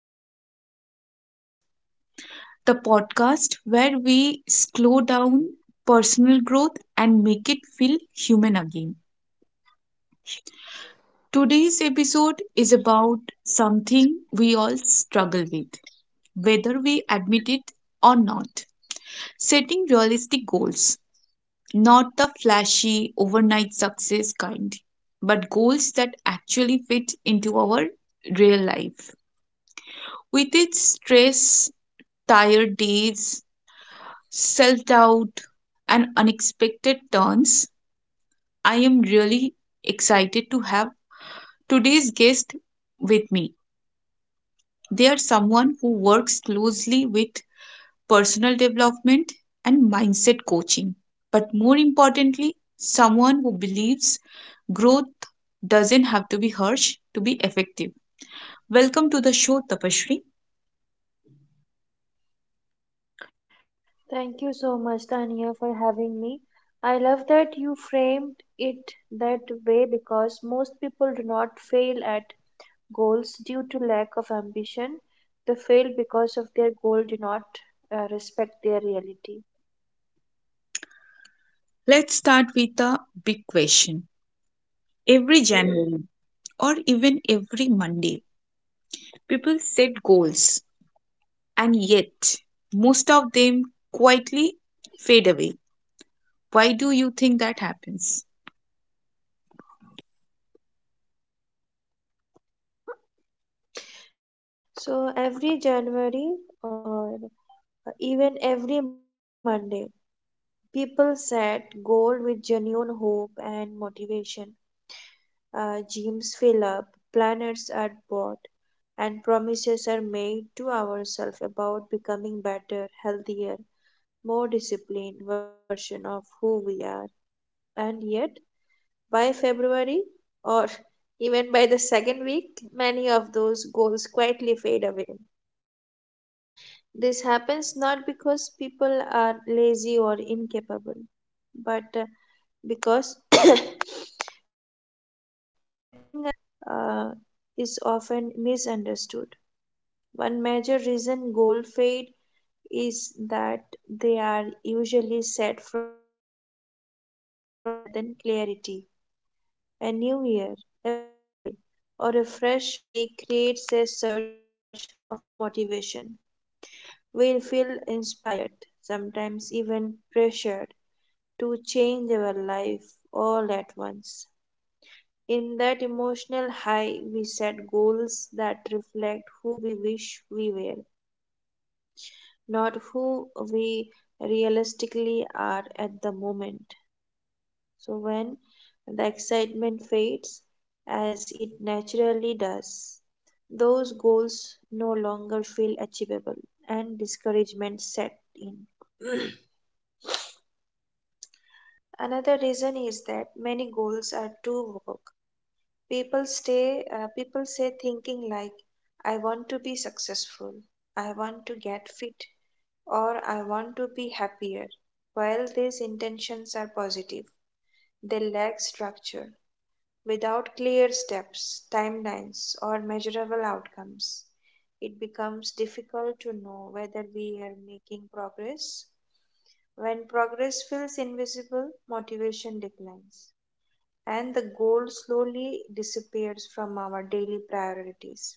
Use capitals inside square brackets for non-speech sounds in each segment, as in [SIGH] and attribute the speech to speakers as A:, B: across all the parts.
A: Steps, Real Changes, the podcast where we slow down personal growth and make it feel human again. Today's episode is about something we all struggle with, whether we admit it or not. Setting realistic goals, not the flashy overnight success kind, but goals that actually fit into our real life with its stress, tired days, self doubt, and unexpected turns. I am really excited to have today's guest with me. They are someone who works closely with personal development and mindset coaching, but more importantly, someone who believes growth doesn't have to be harsh to be effective. Welcome to the show, Tapashri.
B: Thank you so much, Tania, for having me. I love that you framed it that way because most people do not fail at goals due to lack of ambition. They fail because of their goal do not respect their reality.
A: Let's start with a big question. Every January or even every Monday, people set goals and yet most of them quietly fade away. Why do you think that happens?
B: So every January or even every Monday, people set goal with genuine hope and motivation. Uh, gyms fill up, planets are bought, and promises are made to ourselves about becoming better, healthier, more disciplined version of who we are. And yet, by February or [LAUGHS] even by the second week, many of those goals quietly fade away. This happens not because people are lazy or incapable, but because [COUGHS] setting uh, is often misunderstood. One major reason goal fade is that they are usually set from a place of emotion rather than clarity. A new year, a birthday, or a fresh week creates a surge of motivation. We'll feel inspired, sometimes even pressured, to change our life all at once. In that emotional high, we set goals that reflect who we wish we were, not who we realistically are at the moment. So, when the excitement fades, as it naturally does, those goals no longer feel achievable and discouragement set in. [CLEARS THROAT] Another reason is that many goals are too vague. People say thinking like I want to be successful, I want to get fit, or I want to be happier. While these intentions are positive, they lack structure. Without clear steps, timelines, or measurable outcomes, it becomes difficult to know whether we are making progress when progress feels invisible, motivation declines, and the goal slowly disappears from our daily priorities.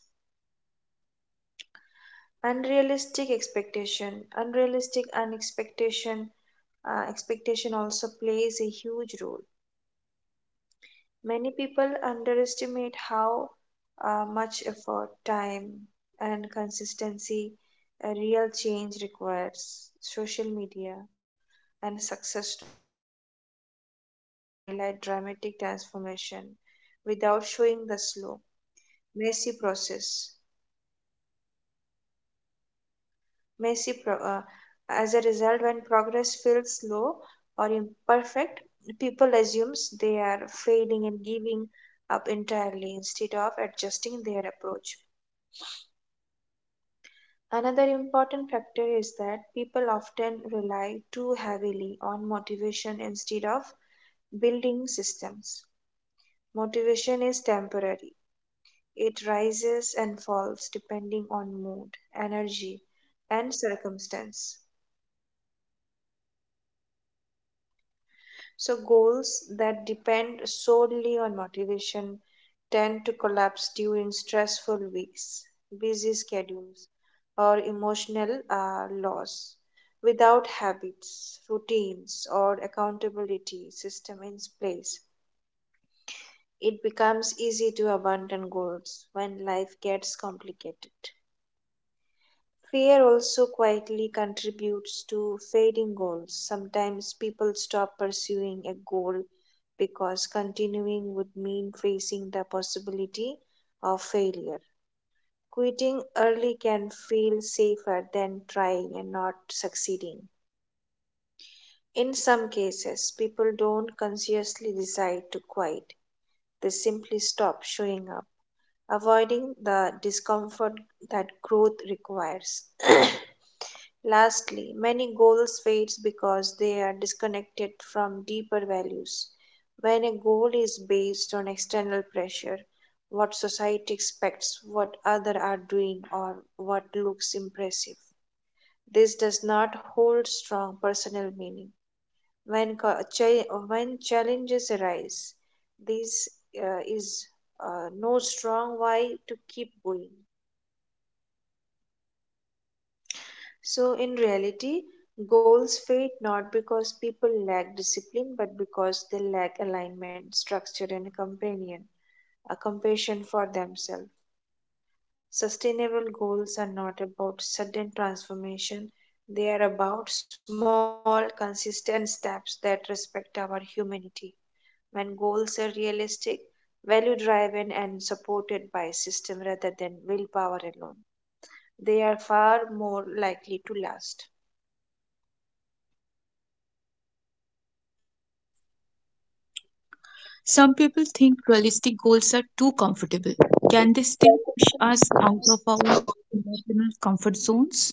B: Unrealistic expectation, unrealistic unexpectation, Expectation also plays a huge role. Many people underestimate how much effort, time, and consistency a real change requires. Social media and success stories often highlight dramatic transformation without showing the slow, messy process. messy pro- uh, as a result, when progress feels slow or imperfect, people assumes they are failing and giving up entirely instead of adjusting their approach. Another important factor is that people often rely too heavily on motivation instead of building systems. Motivation is temporary. It rises and falls depending on mood, energy, and circumstance. So, goals that depend solely on motivation tend to collapse during stressful weeks, busy schedules, or emotional loss. Without habits, routines, or accountability system in place, it becomes easy to abandon goals when life gets complicated. Fear also quietly contributes to fading goals. Sometimes people stop pursuing a goal because continuing would mean facing the possibility of failure. Quitting early can feel safer than trying and not succeeding. In some cases, people don't consciously decide to quit, they simply stop showing up, avoiding the discomfort that growth requires. [CLEARS THROAT] [COUGHS] Lastly, many goals fades because they are disconnected from deeper values. When a goal is based on external pressure, what society expects, what others are doing, or what looks impressive, this does not hold strong personal meaning. When challenges arise, this is no strong why to keep going. So, in reality, goals fade not because people lack discipline, but because they lack alignment, structure, and a companion, a compassion for themselves. Sustainable goals are not about sudden transformation, they are about small, consistent steps that respect our humanity. When goals are realistic, value driven, and supported by a system rather than willpower alone, they are far more likely to last.
A: Some people think realistic goals are too comfortable. Can they still push us out
B: Uh,
A: of our emotional comfort zones?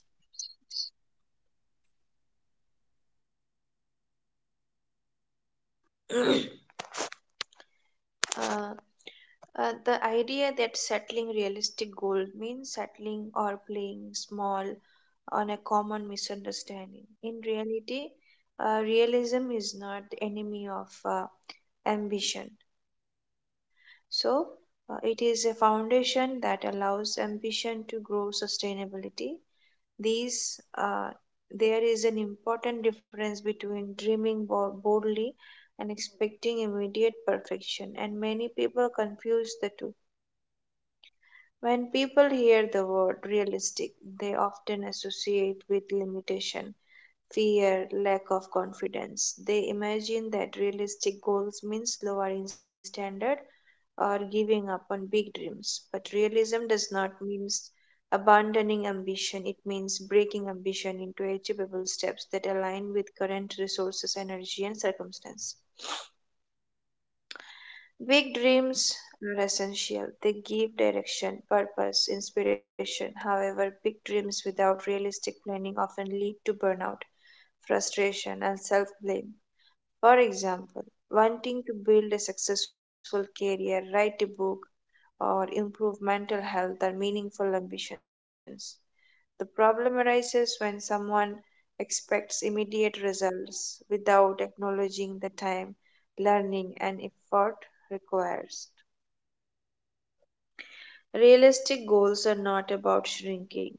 B: the idea that settling realistic goal means settling or playing small on a common misunderstanding. In reality, realism is not the enemy of uh, ambition. So, it is a foundation that allows ambition to grow sustainability. These, uh, there is an important difference between boldly and expecting immediate perfection, and many people confuse the two. When people hear the word realistic, they often associate with limitation, fear, lack of confidence. They imagine that realistic goals means lowering standard or giving up on big dreams. But realism does not mean abandoning ambition. It means breaking ambition into achievable steps that align with current resources, energy, and circumstance. Big dreams are essential. They give direction, purpose, inspiration. However, big dreams without realistic planning often lead to burnout, frustration, and self blame. For example, wanting to build a successful career, write a book, or improve mental health are meaningful ambitions. The problem arises when someone expects immediate results without acknowledging the time, learning, and effort requires. Realistic goals are not about shrinking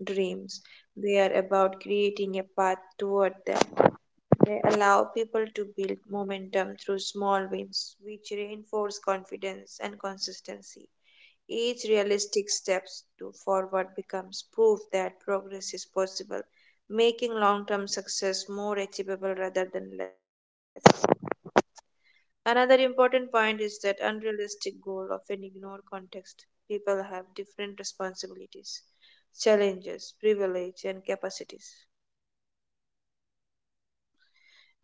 B: dreams, they are about creating a path toward them. They allow people to build momentum through small wins, which reinforce confidence and consistency. Each realistic step forward becomes proof that progress is possible, making long term success more achievable rather than less. Another important point is that unrealistic goals often ignore context. People have different responsibilities, challenges, privilege, and capacities.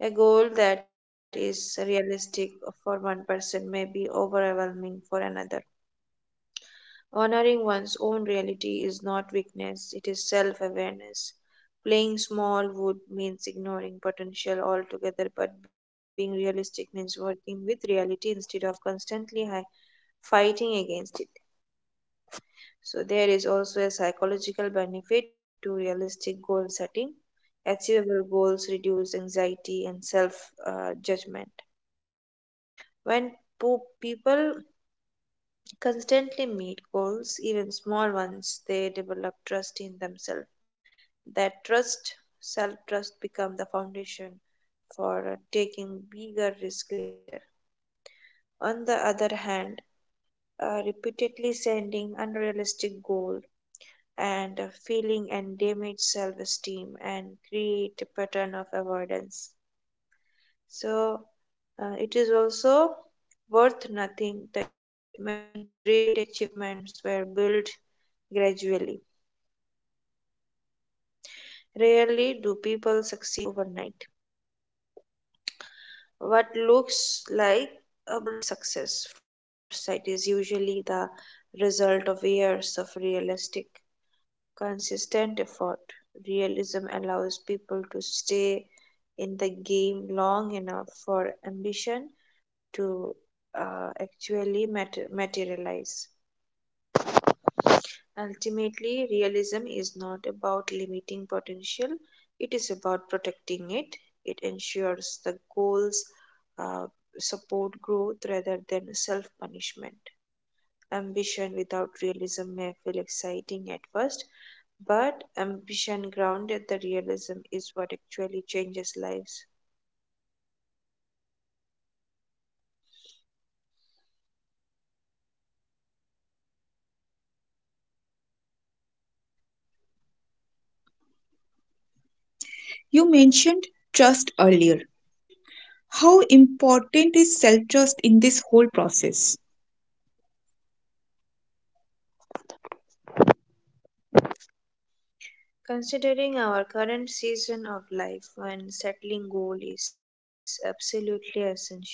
B: A goal that is realistic for one person may be overwhelming for another. Honoring one's own reality is not weakness, it is self awareness. Playing small would means ignoring potential altogether, but being realistic means working with reality instead of fighting against it. So, there is also a psychological benefit to realistic goal setting. Achievable goals reduce anxiety and self judgment. When people constantly meet goals, even small ones, they develop trust in themselves. That trust, self trust, become the foundation for taking bigger risk later. On the other hand, repeatedly sending unrealistic goals and feeling and damage self esteem and create a pattern of avoidance. So it is also worth nothing that many great achievements were built gradually. Rarely do people succeed overnight. What looks like a bold success from the outside is usually the result of years of realistic, consistent effort. Realism allows people to stay in the game long enough for ambition to actually materialize. Ultimately, realism is not about limiting potential, it is about protecting it. It ensures the goals uh, support growth rather than self punishment. Ambition without realism may feel exciting at first, but ambition grounded the realism is what actually changes lives.
A: You mentioned trust earlier. How important is self trust in this whole process?
B: Considering our current season of life when settling goal is absolutely essential.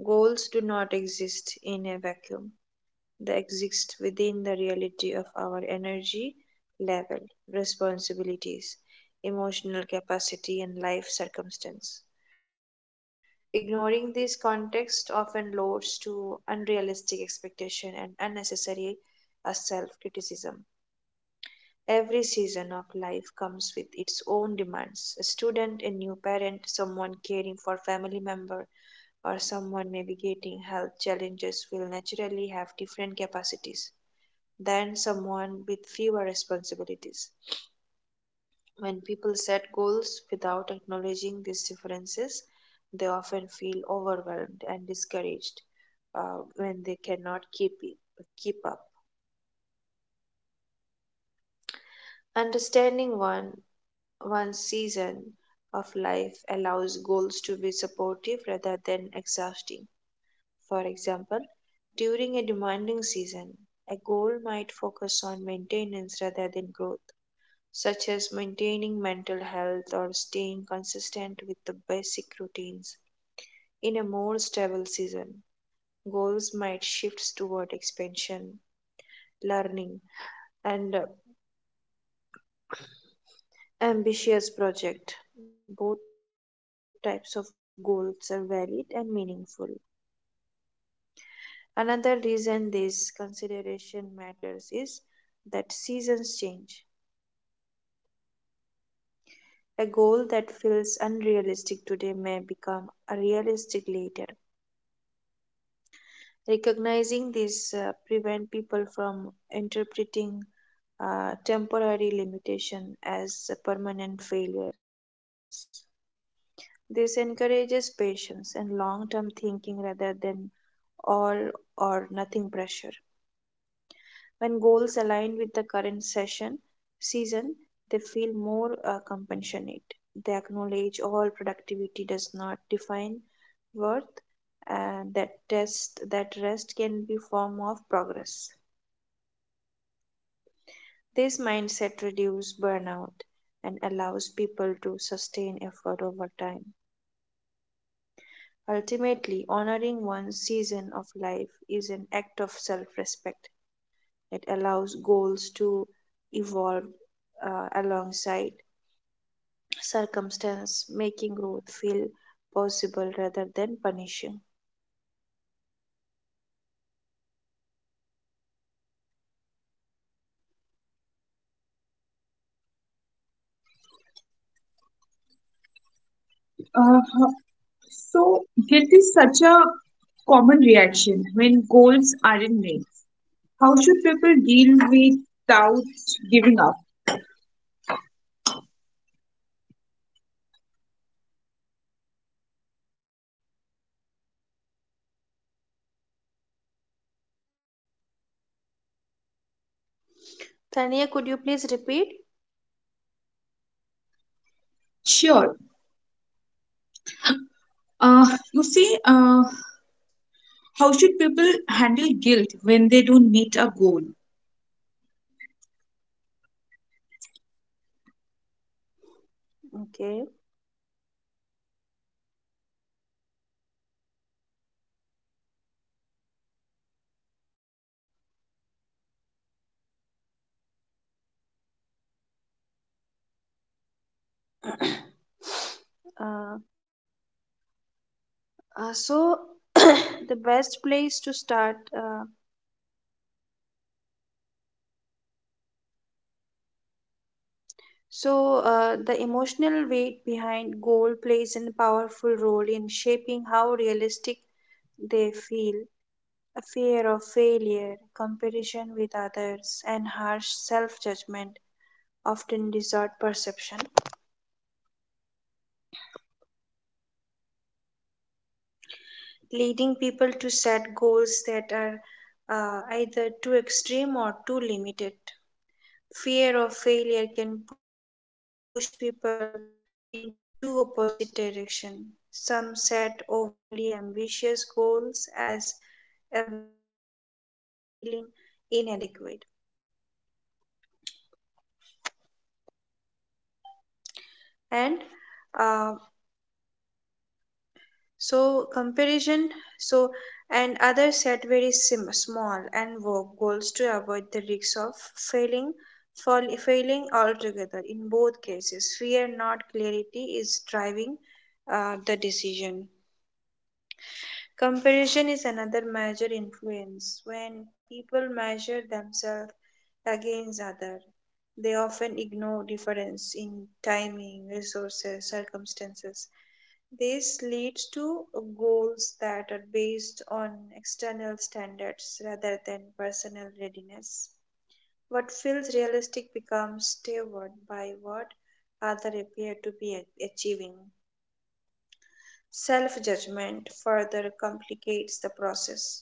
B: Goals do not exist in a vacuum. That exist within the reality of our energy level, responsibilities, emotional capacity, and life circumstance. Ignoring this context often leads to unrealistic expectation and unnecessary self criticism. Every season of life comes with its own demands. A student, a new parent, someone caring for family member, or someone navigating health challenges will naturally have different capacities than someone with fewer responsibilities. When people set goals without acknowledging these differences, they often feel overwhelmed and discouraged when they cannot keep it, keep up. Understanding one's season of life allows goals to be supportive rather than exhausting. For example, during a demanding season, a goal might focus on maintenance rather than growth, such as maintaining mental health or staying consistent with the basic routines. In a more stable season, goals might shift toward expansion, learning, and ambitious project. Both types of goals are valid and meaningful. Another reason this consideration matters is that seasons change. A goal that feels unrealistic today may become realistic later. Recognizing this prevent people from interpreting temporary limitation as permanent failures. This encourages patience and long-term thinking rather than all or nothing pressure. When goals align with the current session season, they feel more compassionate. They acknowledge all productivity does not define worth, and that test that rest can be form of progress. This mindset reduces burnout and allows people to sustain effort over time. Ultimately, honoring one's season of life is an act of self respect. It allows goals to evolve alongside circumstance, making growth feel possible rather than punishing.
A: Uh, so, guilt is such a common reaction when goals aren't met. How should people deal without giving up?
B: Tania, could you please repeat?
A: Sure. Uh, you see, uh, how should people handle guilt when they don't meet a goal?
B: Okay. Uh, uh, so, [COUGHS] [CLEARS THROAT] the best place to start so, the emotional weight behind goal plays a powerful role in shaping how realistic they feel. A fear of failure, comparison with others, and harsh self judgment often distort perception, leading people to set goals that are either too extreme or too limited. Fear of failure can push people in two opposite directions. Some set overly ambitious goals as a way to prove worth or avoid feeling inadequate. And uh, so, comparison, so, and others set small and vague goals to avoid the risks of failing. Failing altogether, in both cases fear, not clarity, is driving the decision. Comparison is another major influence. When people measure themselves against others, they often ignore difference in timing, resources, circumstances. This leads to goals that are based on external standards rather than personal readiness. What feels realistic becomes favored by what others appear to be achieving. Self judgment further complicates the process.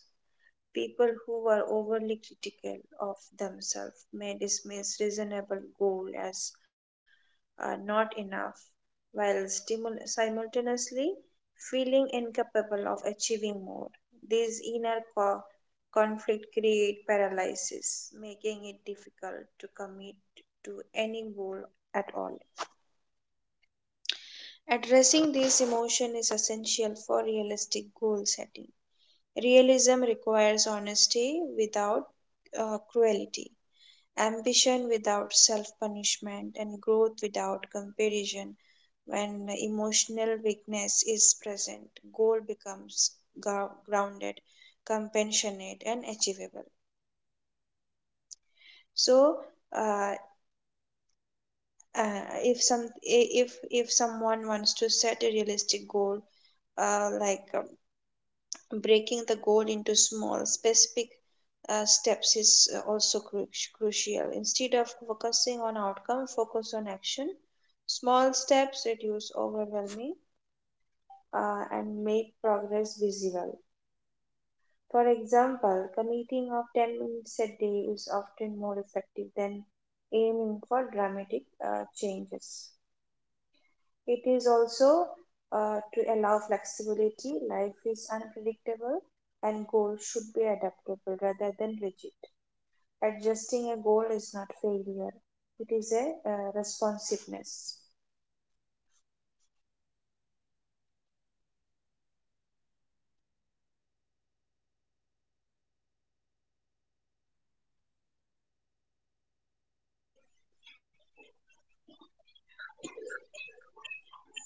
B: People who are overly critical of themselves may dismiss reasonable goals as not enough, while simultaneously feeling incapable of achieving more. These conflict create paralysis, making it difficult to commit to any goal at all. Addressing this emotion is essential for realistic goal setting. Realism requires honesty without cruelty, ambition without self punishment, and growth without comparison. When emotional weakness is present, goal becomes grounded, compassionate, and achievable. So, uh, uh, if some if someone wants to set a realistic goal, uh, like uh, breaking the goal into small specific steps is also crucial. Instead of focusing on outcome, focus on action. Small steps reduce overwhelming and make progress visible. For example, committing of 10 minutes a day is often more effective than aiming for dramatic changes. It is also to allow flexibility. Life is unpredictable and goals should be adaptable rather than rigid. Adjusting a goal is not failure, it is a responsiveness.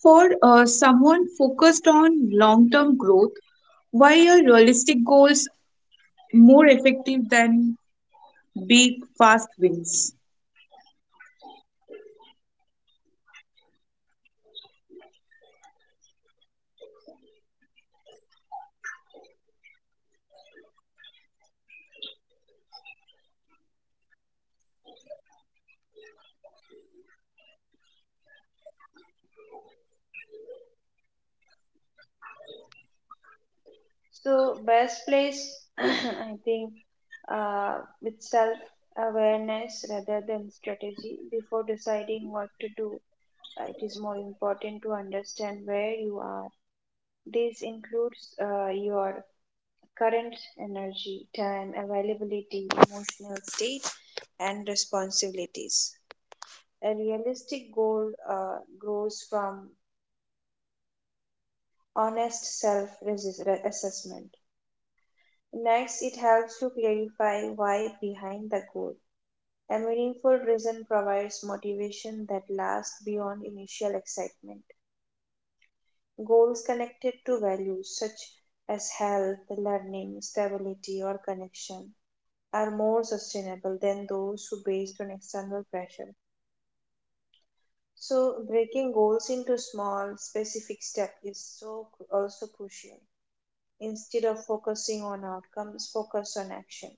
A: For someone focused on long term growth, why are realistic goals more effective than big, fast wins?
B: So, best place, [CLEARS THROAT] I think, uh, with self awareness rather than strategy before deciding what to do. It is more important to understand where you are. This includes your current energy, time, availability, emotional state, and responsibilities. A realistic goal grows from honest self assessment. Next, it helps to clarify why behind the goal. A meaningful reason provides motivation that lasts beyond initial excitement. Goals connected to values such as health, learning, stability, or connection are more sustainable than those who based on external pressure. So breaking goals into small specific steps is so also crucial. Instead of focusing on outcomes, focus on action.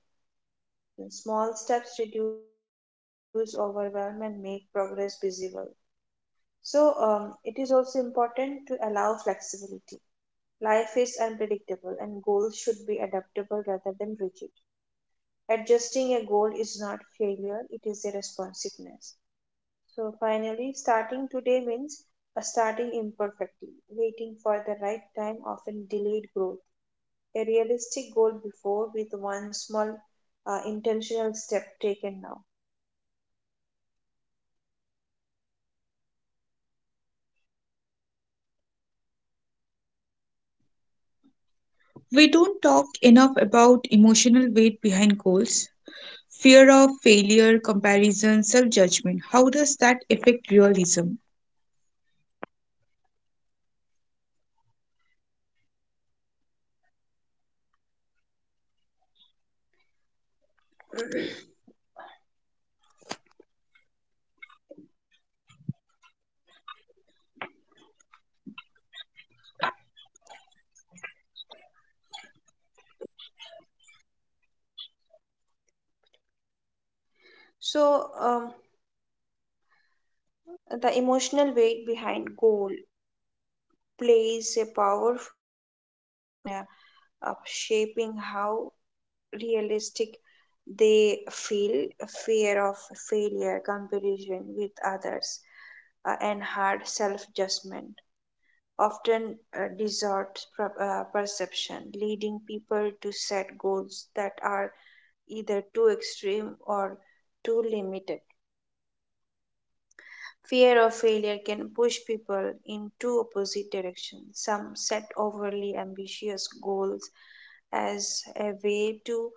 B: Small steps reduce overwhelm and make progress visible. It is also important to allow flexibility. Life is unpredictable and goals should be adaptable rather than rigid. Adjusting a goal is not failure, it is a responsiveness. So finally, starting today means a starting imperfectly, waiting for the right time often delayed growth. A realistic goal before with one small intentional step taken now.
A: We don't talk enough about emotional weight behind goals, fear of failure, comparison, self judgment. How does that affect realism?
B: So um, the emotional weight behind goal plays a powerful role in shaping how realistic they feel. Fear of failure, comparison with others, and hard self-judgment often distorts perception, leading people to set goals that are either too extreme or too limited. Fear of failure can push people in two opposite directions. Some set overly ambitious goals as a way to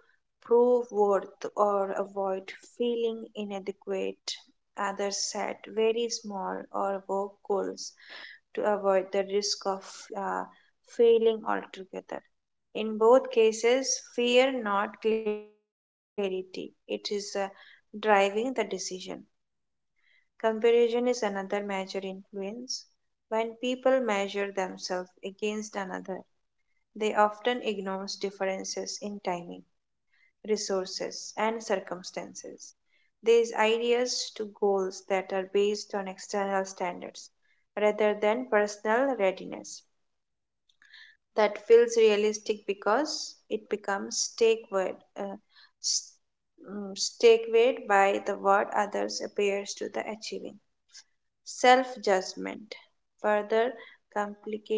B: prove worth or avoid feeling inadequate. Others set very small or vague goals to avoid the risk of uh, failing altogether. In both cases, fear, not clarity, it is driving the decision. Comparison is another major influence. When people measure themselves against another, they often ignore differences in timing, resources, and circumstances. These ideas to goals that are based on external standards rather than personal readiness. That feels realistic because it becomes take word s- stake by the what others appears to the achieving. Self judgment further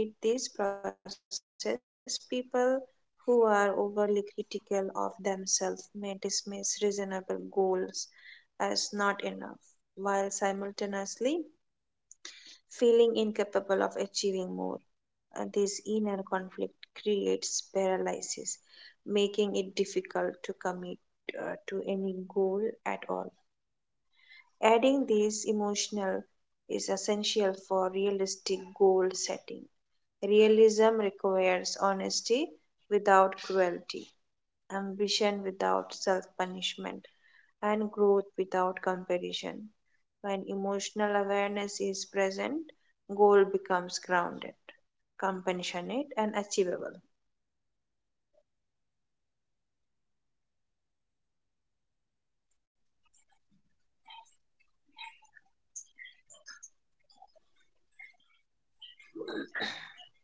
B: complicate this process. People who are overly critical of themselves may dismiss reasonable goals as not enough while simultaneously feeling incapable of achieving more. This inner conflict creates paralysis, making it difficult to commit to any goal at all. Adding these emotional is essential for realistic goal setting. Realism requires honesty without cruelty, ambition without self punishment, and growth without comparison. When emotional awareness is present, goal becomes grounded, compassionate, and achievable.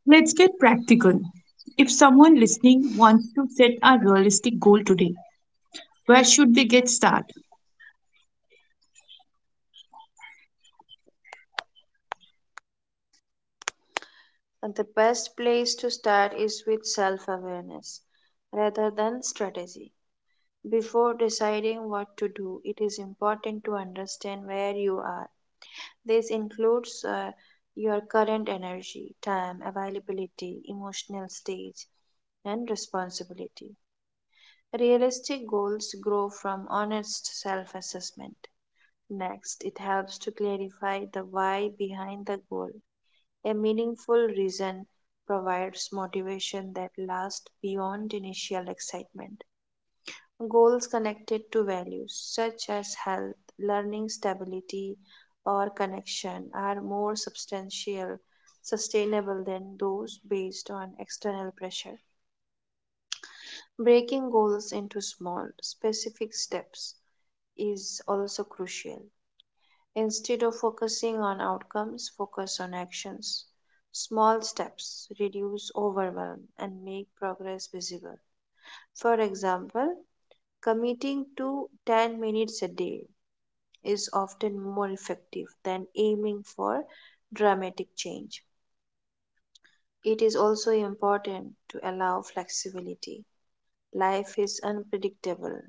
A: Let's get practical. If someone listening wants to set a realistic goal today, where should they get started?
B: And the best place to start is with self awareness rather than strategy. Before deciding what to do, it is important to understand where you are. This includes your current energy, time, availability, emotional stage, and responsibility. Realistic goals grow from honest self assessment. Next, it helps to clarify the why behind the goal. A meaningful reason provides motivation that lasts beyond initial excitement. Goals connected to values, such as health, learning stability, or connection, are more substantial, sustainable than those based on external pressure. Breaking goals into small, specific steps is also crucial. Instead of focusing on outcomes, focus on actions. Small steps reduce overwhelm and make progress visible. For example, committing to 10 minutes a day is often more effective than aiming for dramatic change. It is also important to allow flexibility. Life is unpredictable,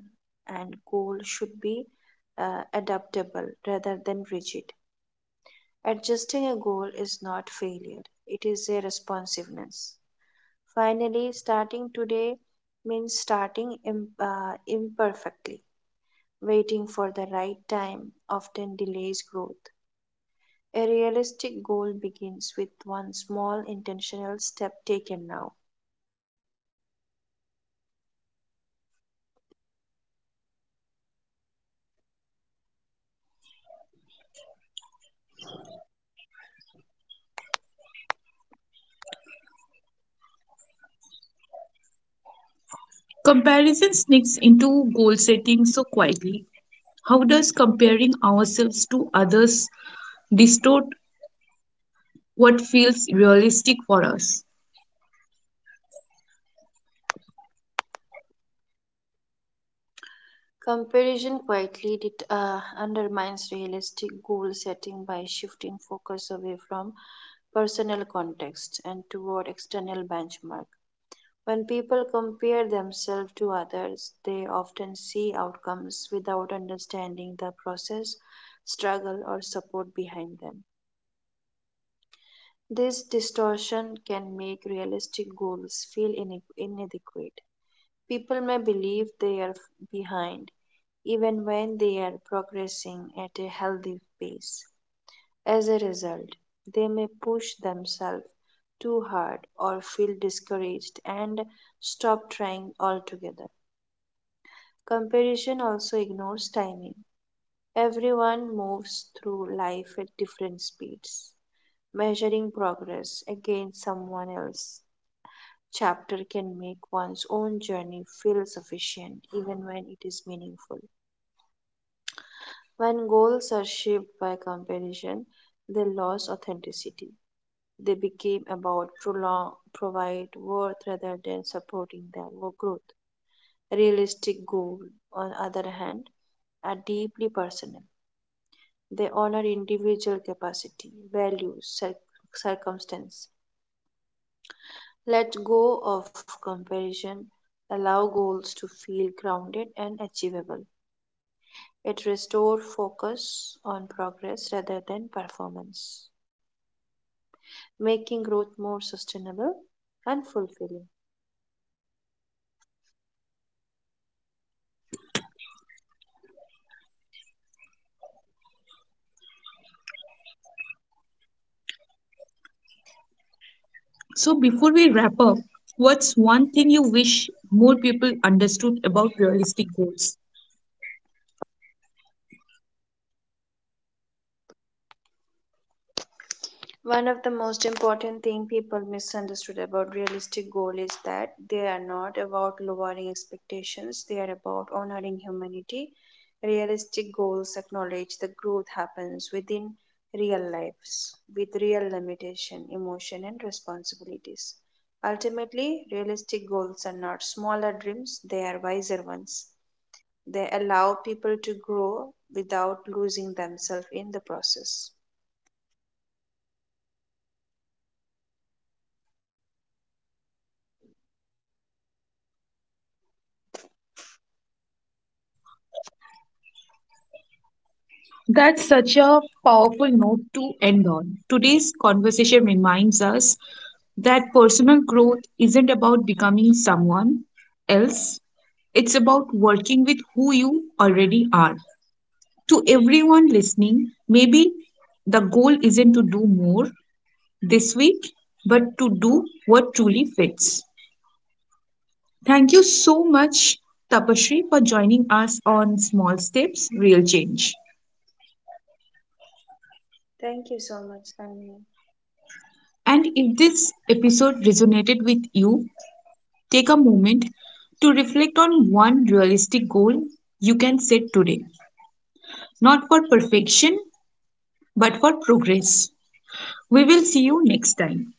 B: and goals should be adaptable rather than rigid. Adjusting a goal is not failure, it is a responsiveness. Finally, starting today means imperfectly. Waiting for the right time often delays growth. A realistic goal begins with one small intentional step taken now.
A: Comparison sneaks into goal setting so quietly. How does comparing ourselves to others distort what feels realistic for us?
B: Comparison quietly undermines realistic goal setting by shifting focus away from personal context and toward external benchmark. When people compare themselves to others, they often see outcomes without understanding the process, struggle, or support behind them. This distortion can make realistic goals feel inadequate. People may believe they are behind even when they are progressing at a healthy pace. As a result, they may push themselves too hard or feel discouraged and stop trying altogether. Comparison also ignores timing. Everyone moves through life at different speeds. Measuring progress against someone else's chapter can make one's own journey feel sufficient even when it is meaningful. When goals are shaped by comparison, they lose authenticity. They became about prolong, provide worth rather than supporting their growth. Realistic goals, on other hand, are deeply personal. They honor individual capacity, values, circumstance. Let go of comparison. Allow goals to feel grounded and achievable. It restores focus on progress rather than performance, making growth more sustainable and fulfilling.
A: So, before we wrap up, what's one thing you wish more people understood about realistic goals?
B: One of the most important thing people misunderstood about realistic goal is that they are not about lowering expectations, they are about honoring humanity. Realistic goals acknowledge that growth happens within real lives with real limitation, emotion and responsibilities. Ultimately, realistic goals are not smaller dreams, they are wiser ones. They allow people to grow without losing themselves in the process.
A: That's such a powerful note to end on. Today's conversation reminds us that personal growth isn't about becoming someone else, it's about working with who you already are. To everyone listening, maybe the goal isn't to do more this week, but to do what truly fits. Thank you so much, Tapashri, for joining us on Small Steps, Real Change.
B: Thank you so much, Tanya.
A: And if this episode resonated with you, take a moment to reflect on one realistic goal you can set today, not for perfection, but for progress. We will see you next time.